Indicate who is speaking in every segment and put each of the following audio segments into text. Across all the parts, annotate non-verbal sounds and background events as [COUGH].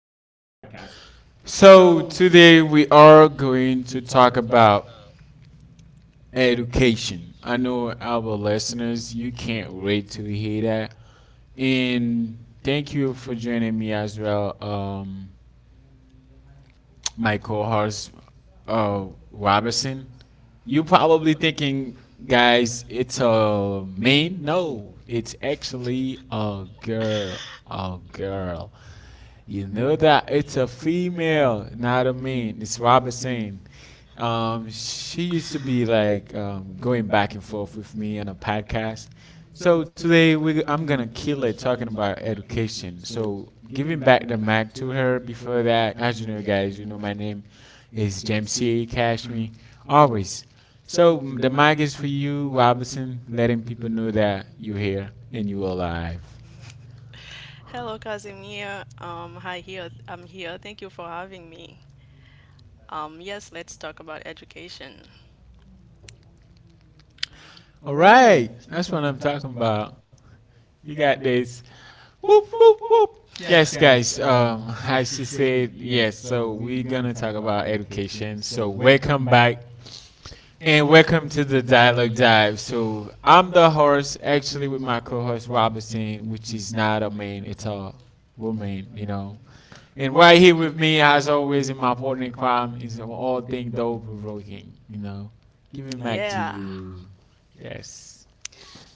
Speaker 1: podcast. So today we are going to talk about education. I know our listeners, you can't wait to hear that. And thank you for joining me as well. My co-host uh, Robertson. You probably thinking, guys, it's a man. No, it's actually a girl. A girl. You know that it's a female, not a man. It's Robertson. She used to be like going back and forth with me on a podcast. So today we I'm gonna kill it talking about education. So giving back the mic to her. Before that, as you know, guys, you know my name is James C. Cashme. Always. So the mic is for you, Robinson. Letting people know that you're here and you're alive.
Speaker 2: Hello, Casimir. Hi here. I'm here. Thank you for having me. Yes, let's talk about education.
Speaker 1: All right, that's what I'm talking about. You got this. Whoop whoop whoop. Yes, guys. As she said, yes. So we're gonna talk about education. So welcome back, and welcome to the dialogue dive. So I'm the host, actually, with my co-host Robinson, which is not a man, it's a woman. You know. And right here with me, as always, in my partner in crime is all thing though provoking. You know, giving back to
Speaker 2: Yeah,
Speaker 1: you. Yes.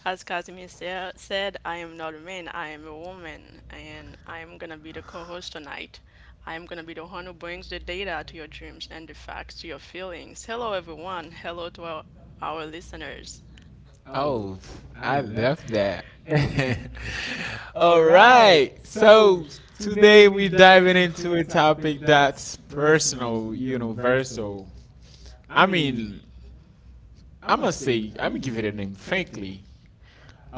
Speaker 2: as Casimir said, I am not a man. I am a woman, and I am gonna be the co-host tonight. I am gonna be the one who brings the data to your dreams and the facts to your feelings. Hello, everyone. Hello to our listeners.
Speaker 1: Oh, I love that. [LAUGHS] All right. So today we're diving into a topic that's personal, universal. I mean, I'm going to say, I'm going to give it a name, frankly.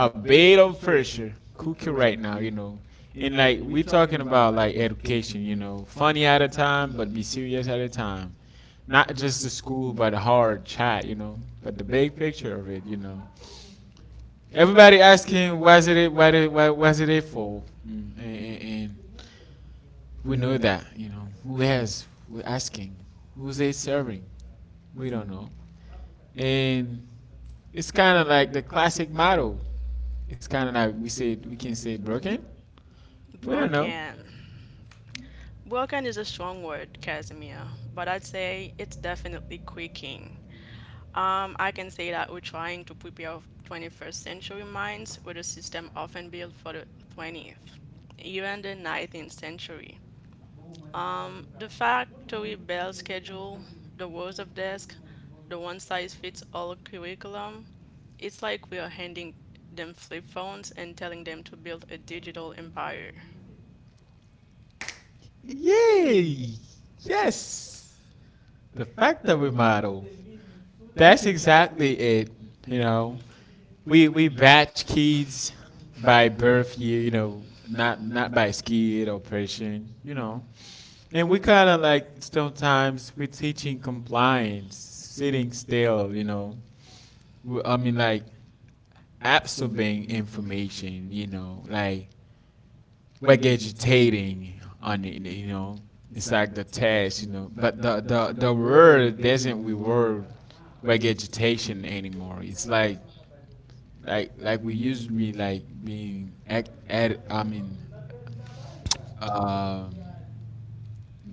Speaker 1: A bit of pressure cooking right now, you know. And like, we're talking about like education, you know, funny at a time, but be serious at a time. Not just the school, but hard chat, you know, but the big picture of it, you know. Everybody asking, what's it, what was it for? And We know that, you know, who has, we're asking, who's they serving? We don't know. And it's kind of like the classic model. It's kind of like we said, we can say broken. We don't know.
Speaker 2: Broken. Broken is a strong word, Casimir, but I'd say it's definitely creaking. I can say that we're trying to prepare 21st century minds with a system often built for the 20th, even the 19th century. The factory bell schedule, the rows of desks, the one size fits all curriculum, it's like we are handing them flip phones and telling them to build a digital empire.
Speaker 1: Yay! Yes! The factory model. That's exactly it, you know. We batch kids by birth year, you know, not by skill or person, you know. And we kind of like sometimes we're teaching compliance, sitting still, you know. I mean, like absorbing information, you know, like we vegetating on it, you know. It's like the test, you know. But the word doesn't reward vegetation anymore. It's like we used to be like being act at I mean um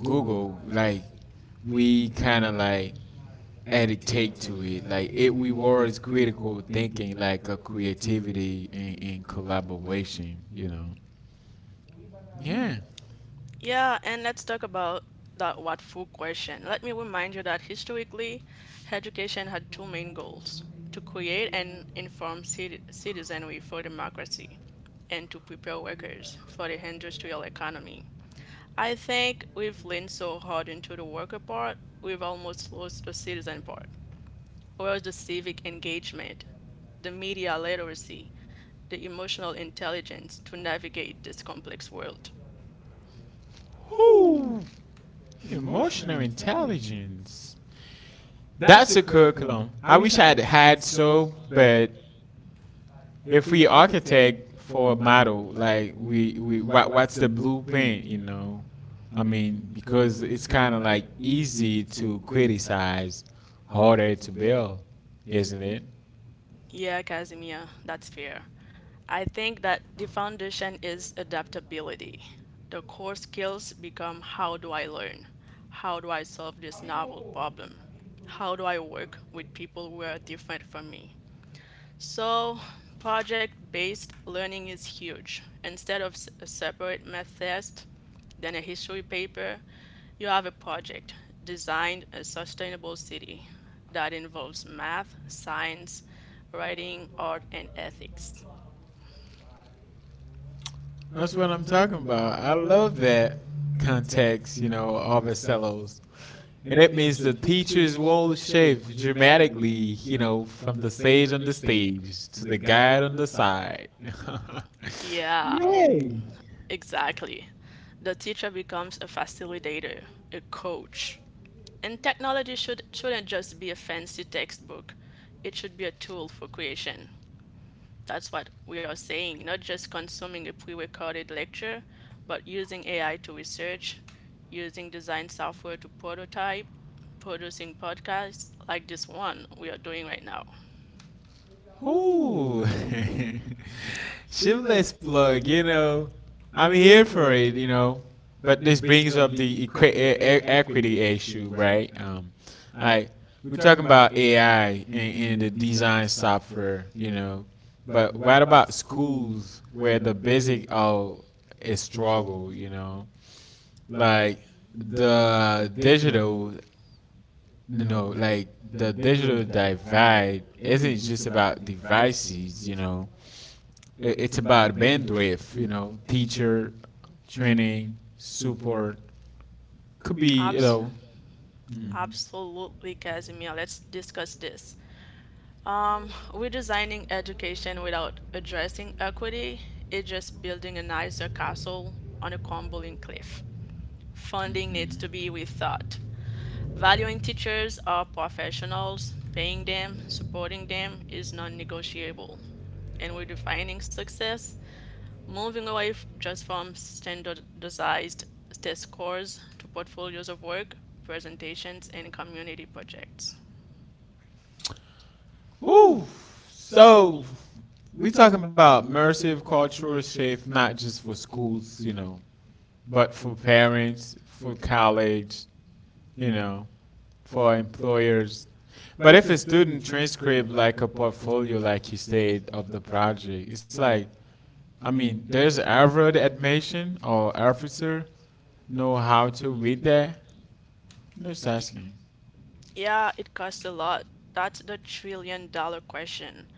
Speaker 1: Google like we kind of like added take to it. Like it rewards critical thinking, like a creativity and, collaboration. You know. Yeah.
Speaker 2: Yeah, and let's talk about that what for question. Let me remind you that historically, education had two main goals to create and inform citizenry for democracy and to prepare workers for the industrial economy. I think we've leaned so hard into the worker part, we've almost lost the citizen part. Where's the civic engagement, the media literacy, the emotional intelligence to navigate this complex world?
Speaker 1: Whoo! Emotional intelligence. That's a curriculum. I wish I had had so, but if we architect for a model, like we what, what's the blueprint? You know. I mean, because it's kind of like easy to criticize, harder to build, isn't it?
Speaker 2: Yeah, Casimir, that's fair. I think that the foundation is adaptability. The core skills become how do I learn? How do I solve this novel problem? How do I work with people who are different from me? So, project based learning is huge. Instead of a separate math test, then a history paper, you have a project designed a sustainable city that involves math, science, writing, art, and ethics.
Speaker 1: That's what I'm talking about. I love that context, you know, Arvicellos. And it means the teacher's role shift dramatically, you know, from the sage on the stage to the guide on the side. [LAUGHS]
Speaker 2: Yeah,
Speaker 1: Yeah.
Speaker 2: exactly. The teacher becomes a facilitator, a coach. And technology shouldn't just be a fancy textbook, it should be a tool for creation. That's what we are saying, not just consuming a pre recorded lecture, but using AI to research, using design software to prototype, producing podcasts like this one we are doing right now.
Speaker 1: Ooh. [LAUGHS] Shameless plug, you know. I'm here for it, you know. But this brings up the equity issue, right? Like we're talking about AI and, the design software, you know. But what about schools where the basic oh is struggle, you know? Like the digital, you know, like the digital divide isn't just about devices, you know it's about bandwidth, you know, teacher, training, support. Could be, you
Speaker 2: Abs-
Speaker 1: know,
Speaker 2: Absolutely, Casimir. Let's discuss this. Redesigning education without addressing equity is just building a nicer castle on a crumbling cliff. Funding needs to be rethought. Valuing teachers are professionals, paying them, supporting them is non negotiable. And redefining success, moving away just from standardized test scores to portfolios of work, presentations, and community projects.
Speaker 1: whoo. So we talking about immersive cultural shift, not just for schools, you know, but for parents, for college, you know, for employers. But if a student transcript like a portfolio, like you said, of the project, it's like, I mean, there's Harvard admission or officer know how to read that? Just asking.
Speaker 2: Yeah, it costs a lot. That's the trillion dollar question.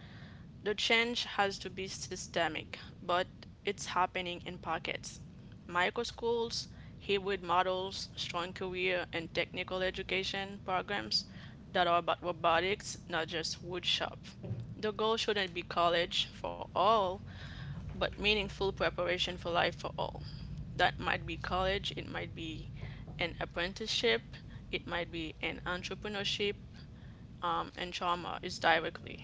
Speaker 2: The change has to be systemic, but it's happening in pockets. Micro schools, hybrid models, strong career and technical education programs that are about robotics, not just wood shop. The goal shouldn't be college for all, but meaningful preparation for life for all. That might be college, it might be an apprenticeship, it might be an entrepreneurship, and trauma is directly.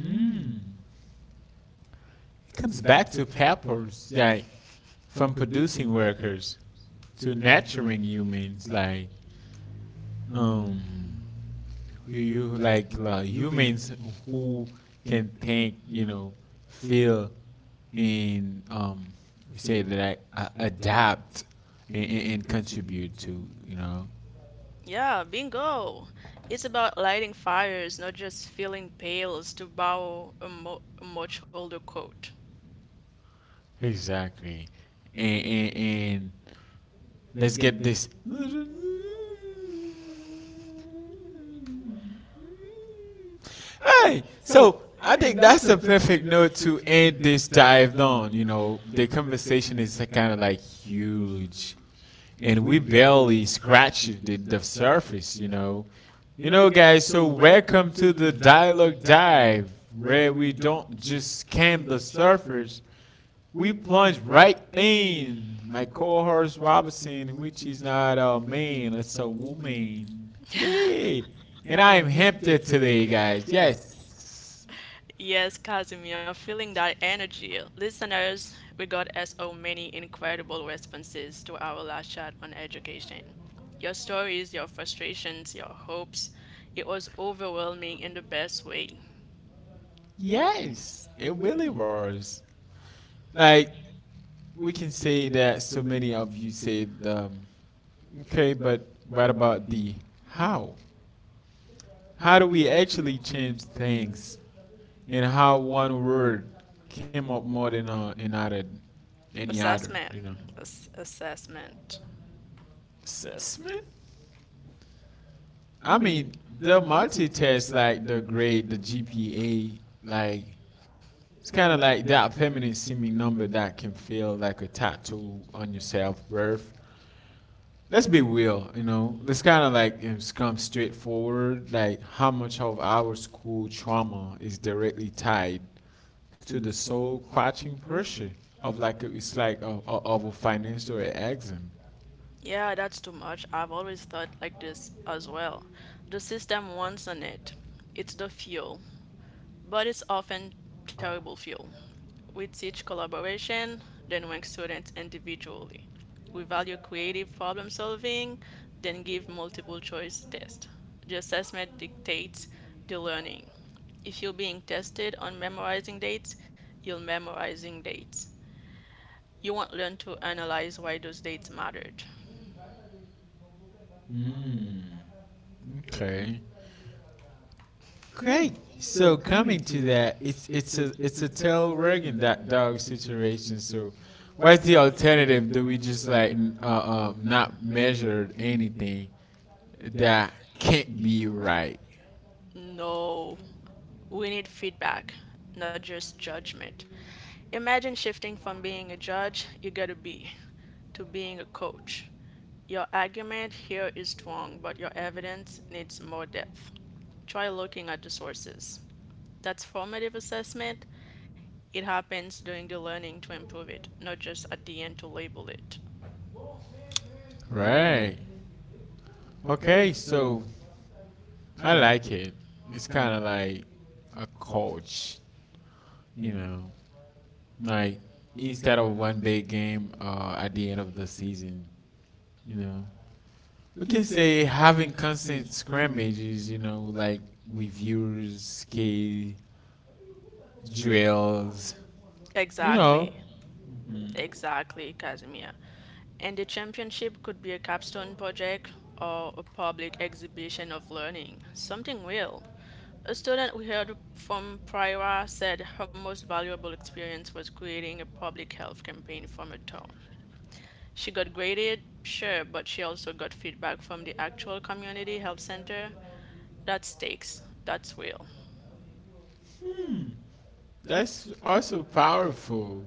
Speaker 1: Mm. It comes back to peppers, like from producing workers to nurturing humans, like um, you, you like humans who can think, you know, feel, and we say that I adapt and, contribute to, you know,
Speaker 2: Yeah, bingo. It's about lighting fires, not just filling pails, to borrow a, a much older quote.
Speaker 1: exactly, and Let's get this. Hey, so I think that's a perfect note to end this dive on. You know, the conversation is kind of like huge, and we barely scratched the surface. You know, guys. So welcome to the dialogue dive, where we don't just skim the surface, we plunge right in. My co-host Robinson, which is not a man, it's a woman.
Speaker 2: [LAUGHS]
Speaker 1: Yay! And I am Hampton today, guys. Yes,
Speaker 2: Yes, Casimir, feeling that energy. Listeners, we got so many incredible responses to our last chat on education. Your stories, your frustrations, your hopes. It was overwhelming in the best way.
Speaker 1: yes, it really was. Like we can say that so many of you said, okay, but what about the how? How do we actually change things? And how one word came up more than another, any other,
Speaker 2: Assessment.
Speaker 1: you know?
Speaker 2: Assessment.
Speaker 1: Assessment. I mean, the multitest, like the grade, the GPA, like it's kind of like that feminine seeming number that can feel like a tattoo on your self worth. Let's be real, you know. It's kind of like you know, it's come straightforward. Like how much of our school trauma is directly tied to the soul crushing pressure of like a, it's like a, of a financial exam.
Speaker 2: Yeah, that's too much. I've always thought like this as well. The system wants the net, it's the fuel, but it's often terrible fuel. We teach collaboration, then rank students individually. We value creative problem solving, then give multiple choice tests. The assessment dictates the learning. If you're being tested on memorizing dates, you're memorizing dates. You won't learn to analyze why those dates mattered.
Speaker 1: Okay, Great. So coming to that, it's a tail wagging that dog situation. So what's the alternative? Do we just like not measure anything that can't be right?
Speaker 2: No, we need feedback, not just judgment. Imagine shifting from being a judge you gotta be to being a coach. Your argument here is strong, but your evidence needs more depth. Try looking at the sources. That's formative assessment. It happens during the learning to improve it, not just at the end to label it.
Speaker 1: Right. Okay. So I like it. It's kind of like a coach, you know, like instead of one big game at the end of the season, you know, We can say having constant scrimmages, you know, like reviews, key drills. You
Speaker 2: Exactly,
Speaker 1: know,
Speaker 2: exactly, Casimir. And the championship could be a capstone project or a public exhibition of learning, something real. A student we heard from prior said her most valuable experience was creating a public health campaign from her town. She got graded, sure, but she also got feedback from the actual community health center. That stakes. That's real.
Speaker 1: that's also powerful.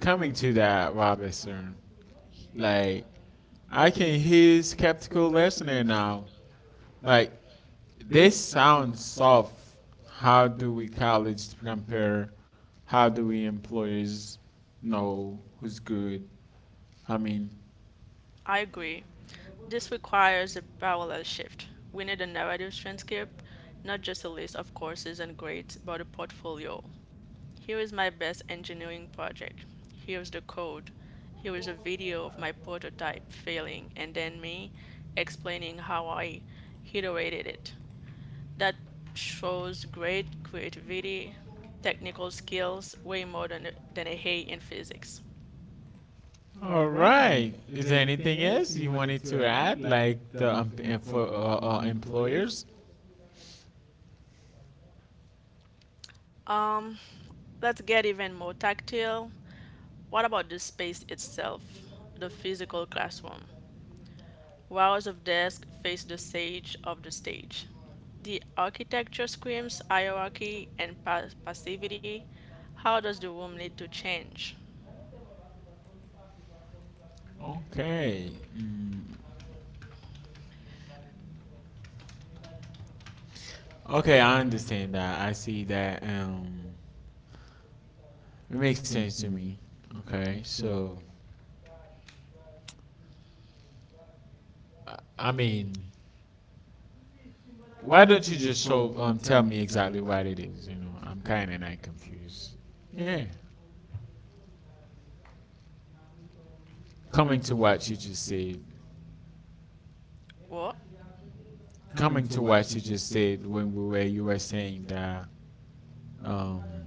Speaker 1: Coming to that, Robinson, like I can hear skeptical listener now. Like this sounds soft. How do we college compare? How do we employers know who's good? I mean,
Speaker 2: I agree. This requires a parallel shift. We need a narrative transcript, not just a list of courses and grades, but a portfolio. Here is my best engineering project. Here is the code. Here is a video of my prototype failing and then me explaining how I iterated it. That shows great creativity, technical skills, way more than a hay in physics.
Speaker 1: All right. Is there anything else you wanted to add, like the for employers?
Speaker 2: Um, let's get even more tactile. What about the space itself, the physical classroom? Rows of desks face the sage of the stage. The architecture screams hierarchy and passivity. How does the room need to change?
Speaker 1: Okay. Mm. Okay, I understand that. I see that. It makes sense to me. Okay, so I mean, why don't you just show tell me exactly what it is? You know, I'm kind of not confused. Yeah. Coming to what you just said.
Speaker 2: Well,
Speaker 1: Coming to what you just said when we were you were saying that um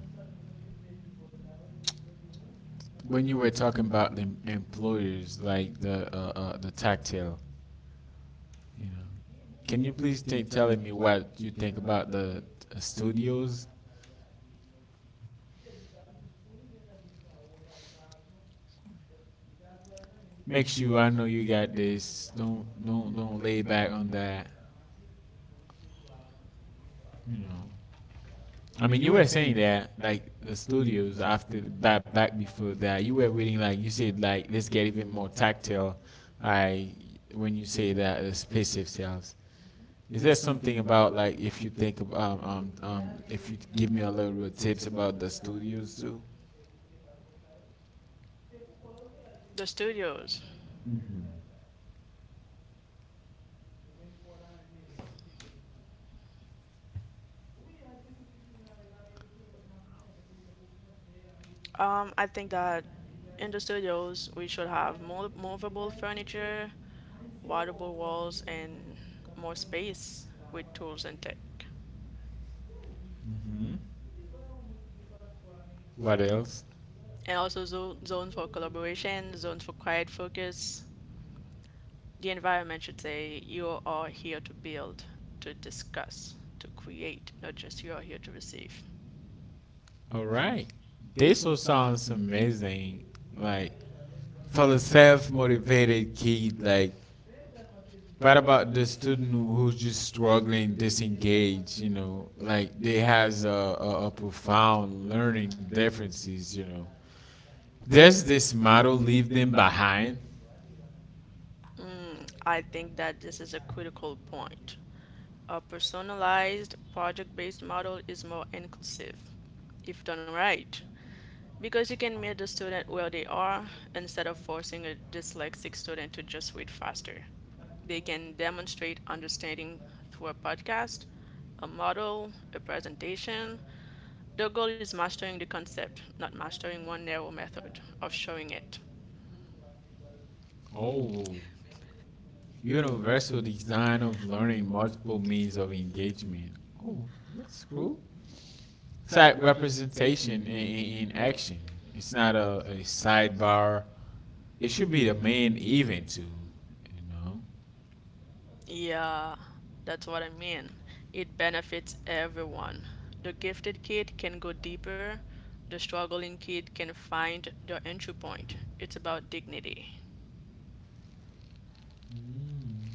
Speaker 1: when you were talking about the employers, like the tactile, you know, can you please tell me what you think about the studios? Make sure I know you got this. Don't lay back on that. You know, I mean, you were saying that like the studios after back back before that, you were reading like you said like let's get even more tactile, I when you say that the space itself. Is there something about like if you think of if you give me a little bit of tips about the studios too?
Speaker 2: the studios. I think that in the studios we should have more movable furniture, waterable walls, and more space with tools and tech.
Speaker 1: Hmm? What else?
Speaker 2: And also zones for collaboration, zones for quiet focus. The environment should say you are here to build, to discuss, to create, not just you are here to receive.
Speaker 1: All right, this all sounds amazing. Like for the self-motivated kid, like what about the student who's just struggling, disengaged? You know, like they has a profound learning differences. You know, does this model leave them behind?
Speaker 2: Mm, I think that this is a critical point. A personalized project-based model is more inclusive if done right because you can meet the student where they are instead of forcing a dyslexic student to just read faster. They can demonstrate understanding through a podcast, a model, a presentation. The goal is mastering the concept, not mastering one narrow method of showing it.
Speaker 1: Oh, Universal design of learning multiple means of engagement. Oh, that's cool. It's like representation in action. It's not a sidebar. It should be the main event too, you know.
Speaker 2: Yeah, that's what I mean. It benefits everyone. The gifted kid can go deeper, the struggling kid can find their entry point. It's about dignity.
Speaker 1: Mm.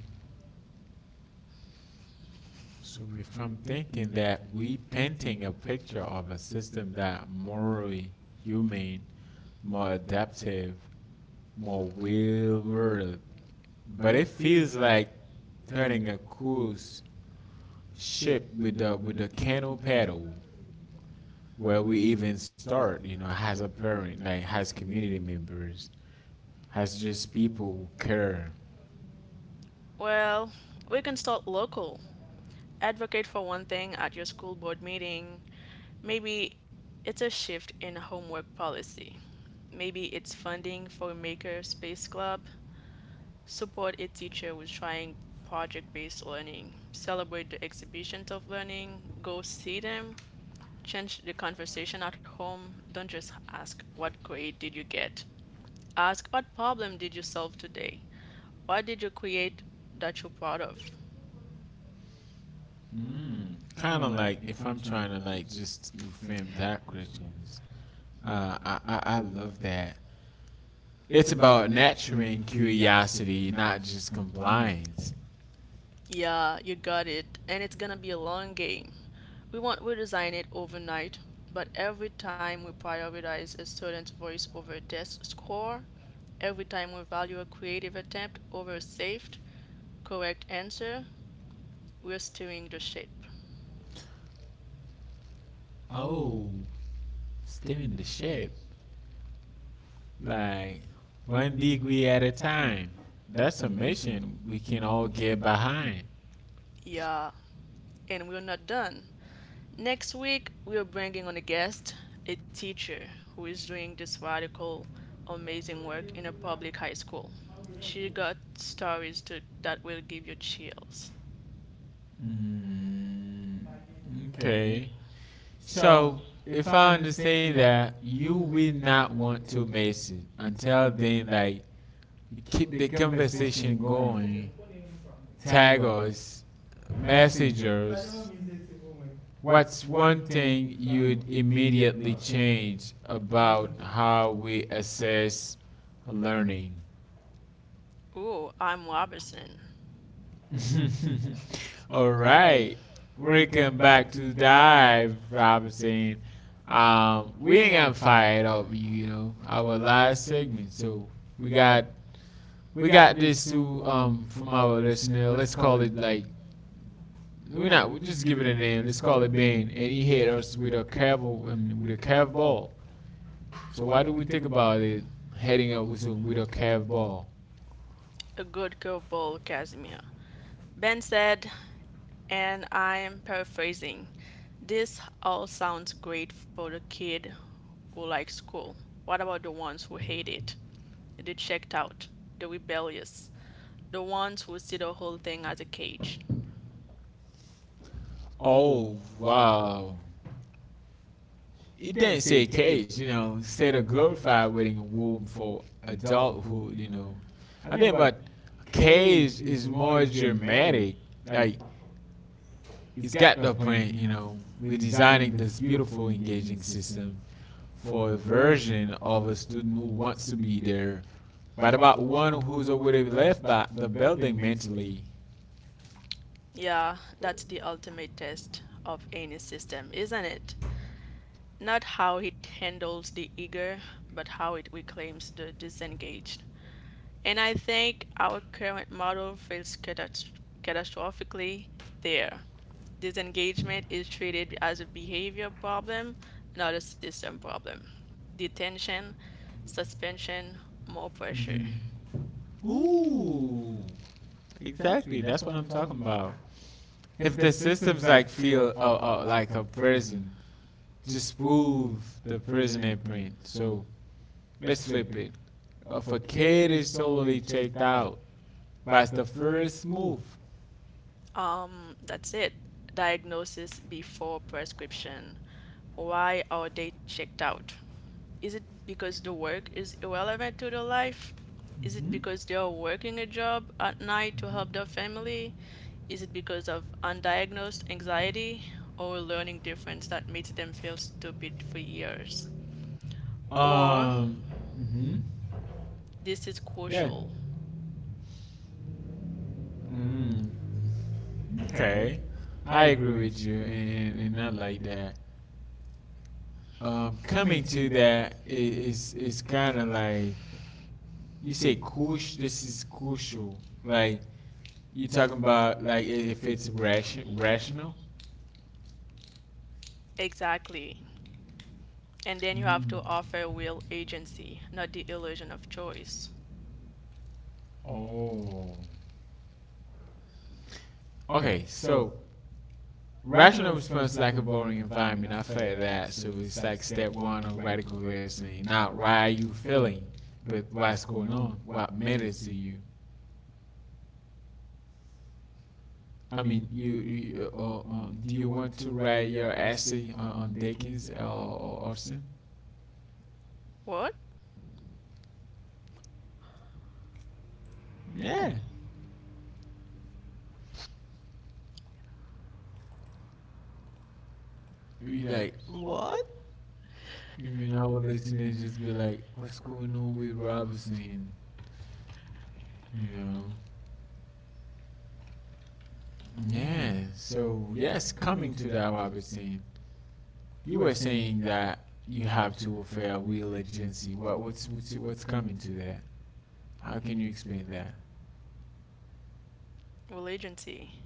Speaker 1: So if I'm thinking that we painting a picture of a system that morally humane, more adaptive, more well-rounded, but it feels like turning a cruise ship with the canoe paddle. Where we even start, you know, has a parent, like has community members, has just people who care.
Speaker 2: Well, we can start local. Advocate for one thing at your school board meeting. Maybe it's a shift in homework policy. Maybe it's funding for a maker space club. Support a teacher who's trying project based learning. Celebrate the exhibitions of learning. Go see them. Change the conversation at home. Don't just ask, "What grade did you get?" Ask, "What problem did you solve today? What did you create that you're proud of?"
Speaker 1: Mm. Kind of like if I'm trying to like just reframe that Christians, I love that. It's about nurturing curiosity, not just compliance.
Speaker 2: Yeah, you got it. And it's gonna be a long game. We won't redesign it overnight, but every time we prioritize a student's voice over a test score, every time we value a creative attempt over a safe, correct answer, we're steering the ship.
Speaker 1: Oh, steering the ship, like one degree at a time. That's a mission we can all get behind.
Speaker 2: Yeah, and we're not done. Next week, we are bringing on a guest, a teacher who is doing this radical, amazing work in a public high school. She got stories to, that will give you chills.
Speaker 1: Mm, okay. So, if I understand that, you will not want to miss it until then, like, you keep the conversation going, tag us, message us. What's one thing you'd immediately change about how we assess learning?
Speaker 2: Ooh, I'm Robertson.
Speaker 1: [LAUGHS] All right. Welcome back to Dive, Robinson. We ain't gonna fire over you, you know, our last segment. So we got we got this to from our listener. Let's call it like we're not we just give it a name. Let's call it Bane. And he hit us with a curve ball. So why do we think about it heading up with with a curve ball?
Speaker 2: A good curveball, Casimir. Ben said, and I'm paraphrasing, this all sounds great for the kid who likes school. What about the ones who hate it, the checked out, the rebellious, the ones who see the whole thing as a cage?
Speaker 1: Oh wow. it didn't say cage, you know, it said a glorified wedding womb for adulthood, you know. I think about cage is more dramatic. Like it's got the point, you know. We're designing this beautiful engaging system for a version of a student who wants to be there, but about one who's already left by the building mentally.
Speaker 2: Yeah, that's the ultimate test of any system, isn't it? Not how it handles the eager, but how it reclaims the disengaged. And I think our current model fails catastrophically there. Disengagement is treated as a behavior problem, not a system problem. Detention, suspension, more pressure.
Speaker 1: Mhm. Ooh, exactly. That's what I'm talking about. If the system's like feel like a prison, disprove the prison imprint. So let's flip it. If a kid is totally checked out, that's the first move.
Speaker 2: That's it. Diagnosis before prescription. Why are they checked out? Is it because the work is irrelevant to their life? Is it
Speaker 1: Hmm?
Speaker 2: because they are working a job at night to help their family? Is it because of undiagnosed anxiety or a learning difference that makes them feel stupid for years? Or
Speaker 1: Um, hmm?
Speaker 2: this is
Speaker 1: Yeah.
Speaker 2: crucial.
Speaker 1: Mm, okay, I agree with you, and not like that. Coming to that is kind of like you say, "Cush." This is crucial. Like you talking about, like if it's rational.
Speaker 2: Exactly. And then you have to
Speaker 1: Mm.
Speaker 2: offer real agency, not the illusion of choice.
Speaker 1: Oh. Okay, so rational response like a boring environment. I felt that. So it's like step one of radical listening. Not why are you feeling, but what's going on? What matters to you? I mean, you do you want to write your essay on Dickens or Austin?
Speaker 2: What?
Speaker 1: Yeah. You like what? You mean our listeners just be like, what's going on with Robinson? You know? Yeah. So yes, coming to that, Robinson. You were saying that you have to offer a real agency. What's coming to that? How can you explain that?
Speaker 2: Real agency?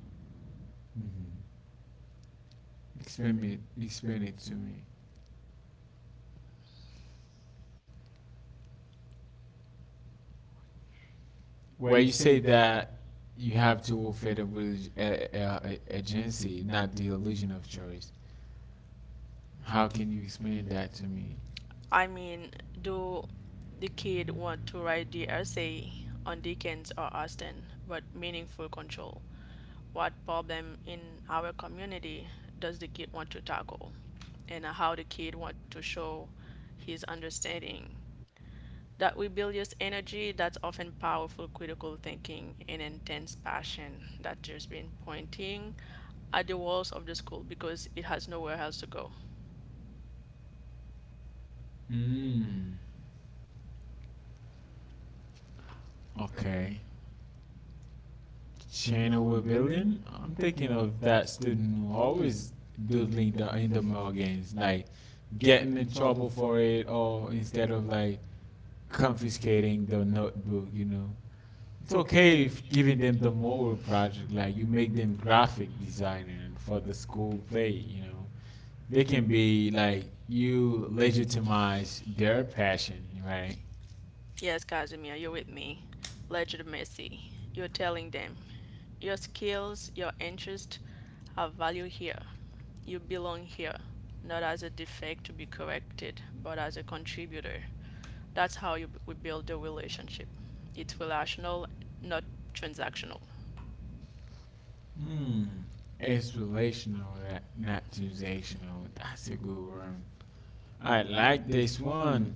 Speaker 1: Hmm? Explain it. Explain it to me. Well, you say that you have to offer the real ag- a- agency, not the illusion of choice. How can you explain that to me?
Speaker 2: I mean, do the kid want to write the essay on Dickens or Austen, but meaningful control. What problem in our community does the kid want to tackle, and how the kid want to show his understanding? That rebellious energy that's often powerful critical thinking and intense passion that just been pointing at the walls of the school because it has nowhere else to go.
Speaker 1: Mm. Okay. Channel with Billion. I'm thinking of that student who always doodling the in the mall games, like getting in trouble for it, or instead of like confiscating the notebook. You know, it's okay if giving them the moral project, like you make them graphic designer for the school play. You know, they can be like you legitimize their passion, right?
Speaker 2: Yes, Casimir, you're with me legitimacy. You're telling them your skills, your interest, have value here. You belong here, not as a defect to be corrected, but as a contributor. That's how we build the relationship. It's relational, not transactional.
Speaker 1: Hmm. It's relational, that not sensational. That's a good word. I like this one.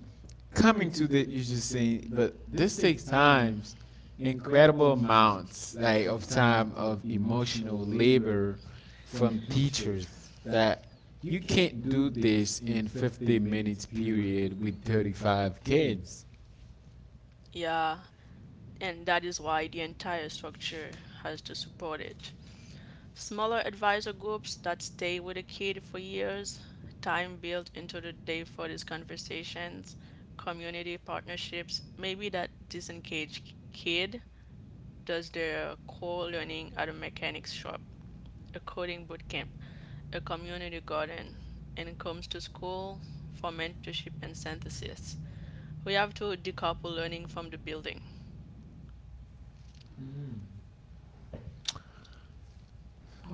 Speaker 1: Coming to the you just saying, but this takes times, incredible amounts like of time of emotional labor from teachers that you can't do this in 50 minutes period with 35 kids.
Speaker 2: Yeah, and that is why the entire structure has to support it. Smaller advisor groups that stay with a kid for years, time built into the day for these conversations, community partnerships, maybe that disengaged kid does their core learning at a mechanics shop, a coding bootcamp, a community garden, and comes to school for mentorship and synthesis. We have to decouple learning from the building.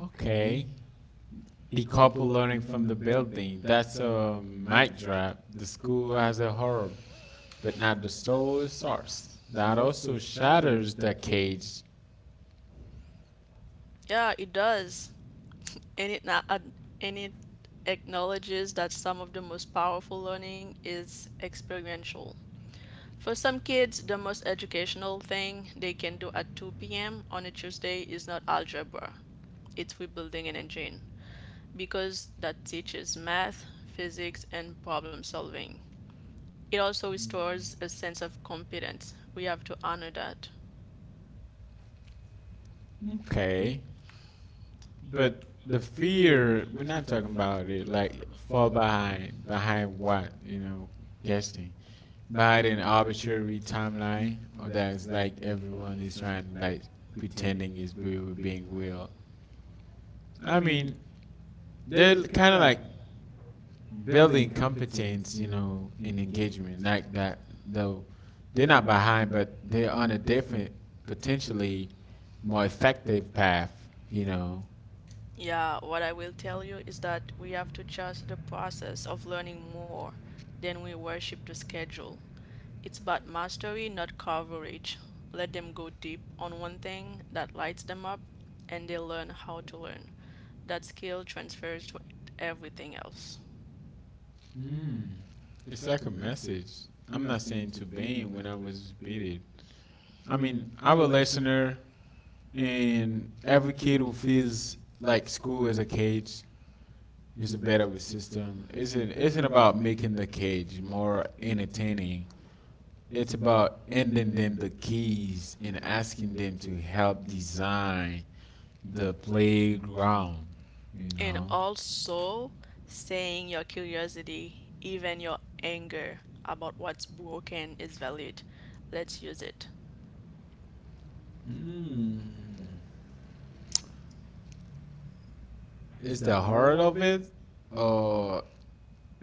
Speaker 1: Okay. Decouple learning from the building. That's a mic drop. The school has a herb, but not the soul source. That also shatters the cage.
Speaker 2: Yeah, it does. And it, not and it acknowledges that some of the most powerful learning is experiential. For some kids, the most educational thing they can do at 2 p.m. on a Tuesday is not algebra, it's rebuilding an engine, because that teaches math, physics, and problem solving. It also restores a sense of competence. We have to honor that.
Speaker 1: Okay, but the fear we're not talking about it like fall behind what you know, guessing behind an arbitrary timeline, or that's like everyone is trying to like pretending is being real. I mean they're kind of like building competence, you know, in engagement like that, though they're not behind, but they're on a different, potentially more effective path, you know.
Speaker 2: Yeah, what I will tell you is that we have to trust the process of learning more than we worship the schedule. It's about mastery, not coverage. Let them go deep on one thing that lights them up and they learn how to learn. That skill transfers to everything else.
Speaker 1: Mm. It's like a message. I'm not saying to Bane when I was beated. I mean, I'm a listener, and every kid who feels like school is a cage is a better with system. Isn't about making the cage more entertaining. It's about handing them the keys and asking them to help design the playground. You
Speaker 2: And
Speaker 1: know,
Speaker 2: also saying your curiosity, even your anger about what's broken is valid. Let's use it.
Speaker 1: mm, is the heart of it, or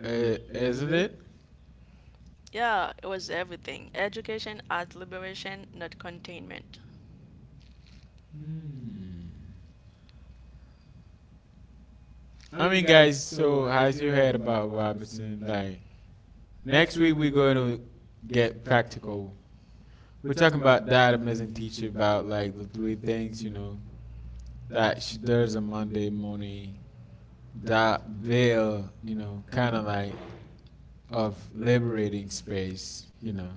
Speaker 1: Isn't it?
Speaker 2: Yeah, it was everything. Education as liberation, not containment.
Speaker 1: Hmm. I mean, guys. So, as you heard about Robertson, like next week we're going to get practical. We're talking about that amazing teacher about like the three things you know that she does on Monday morning. That veil you know, kind of like of liberating space, you know.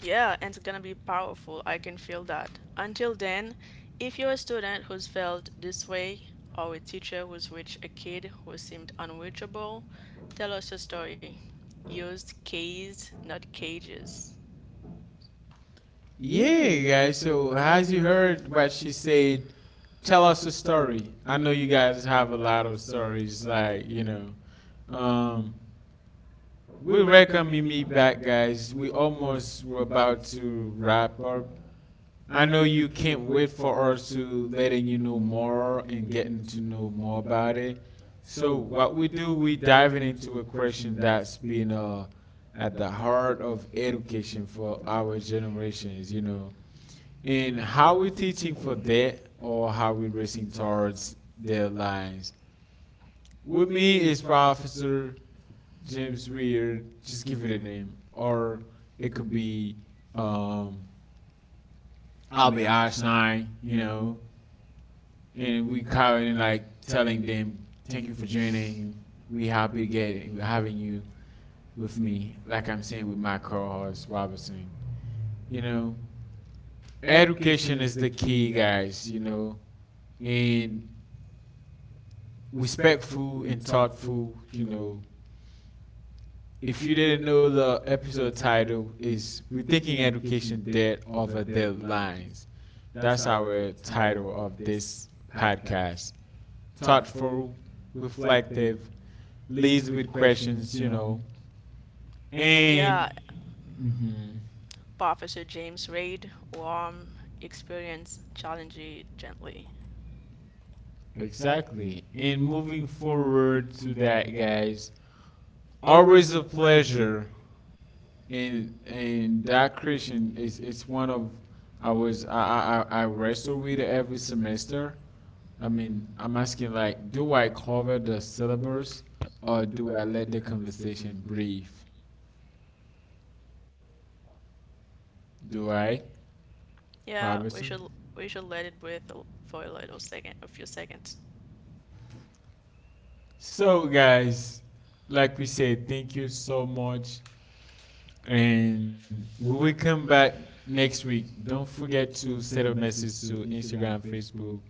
Speaker 2: Yeah, and it's gonna be powerful. I can feel that. Until then, if you're a student who's felt this way, or a teacher who's reached a kid who seemed unreachable, tell us your story. Used keys, not cages.
Speaker 1: Yeah, guys. So, as you heard what she said, tell us a story. I know you guys have a lot of stories, like you know. Um, We welcome Mimi back, guys. We almost were about to wrap up. I know you can't wait for us to letting you know more and getting to know more about it. So what we do, we diving into a question that's been at the heart of education for our generations, you know, and how we teaching for that or how we racing towards their lines. With me is Professor James Weir, just give it a name. Or it could be um Albie Einstein, you know, and we kind of like telling them, thank you for joining. We happy to get having you with me, like I'm saying with my co host Robinson. You know. Education is the key, guys, you know. And respectful and thoughtful, you know, if you didn't know, the episode title is Rethinking Education Dead Over Deadlines. That's our title of this podcast. Thoughtful, reflective, leads with questions, you know, and
Speaker 2: Yeah,
Speaker 1: mhm,
Speaker 2: Officer James Reid, warm, experienced, challenging, gently.
Speaker 1: exactly. And moving forward to that, guys, always a pleasure. And that Christian is it's one of I was I wrestle with every semester. I mean, I'm asking like, do I cover the syllabus or do I let the conversation breathe? Do I,
Speaker 2: Yeah,
Speaker 1: Robertson?
Speaker 2: we should let it breathe for a little second, a few seconds.
Speaker 1: So, guys, like we said, thank you so much. And we will come back next week. Don't forget to send a message to Instagram, Facebook,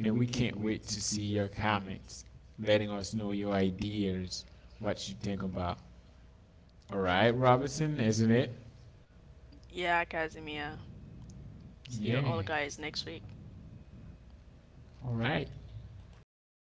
Speaker 1: and we can't wait to see your comments, letting us know your ideas, what you think about. All right, Robertson, isn't it?
Speaker 2: Yeah, Casimir. See you
Speaker 1: Yeah.
Speaker 2: all guys next week.
Speaker 1: All right.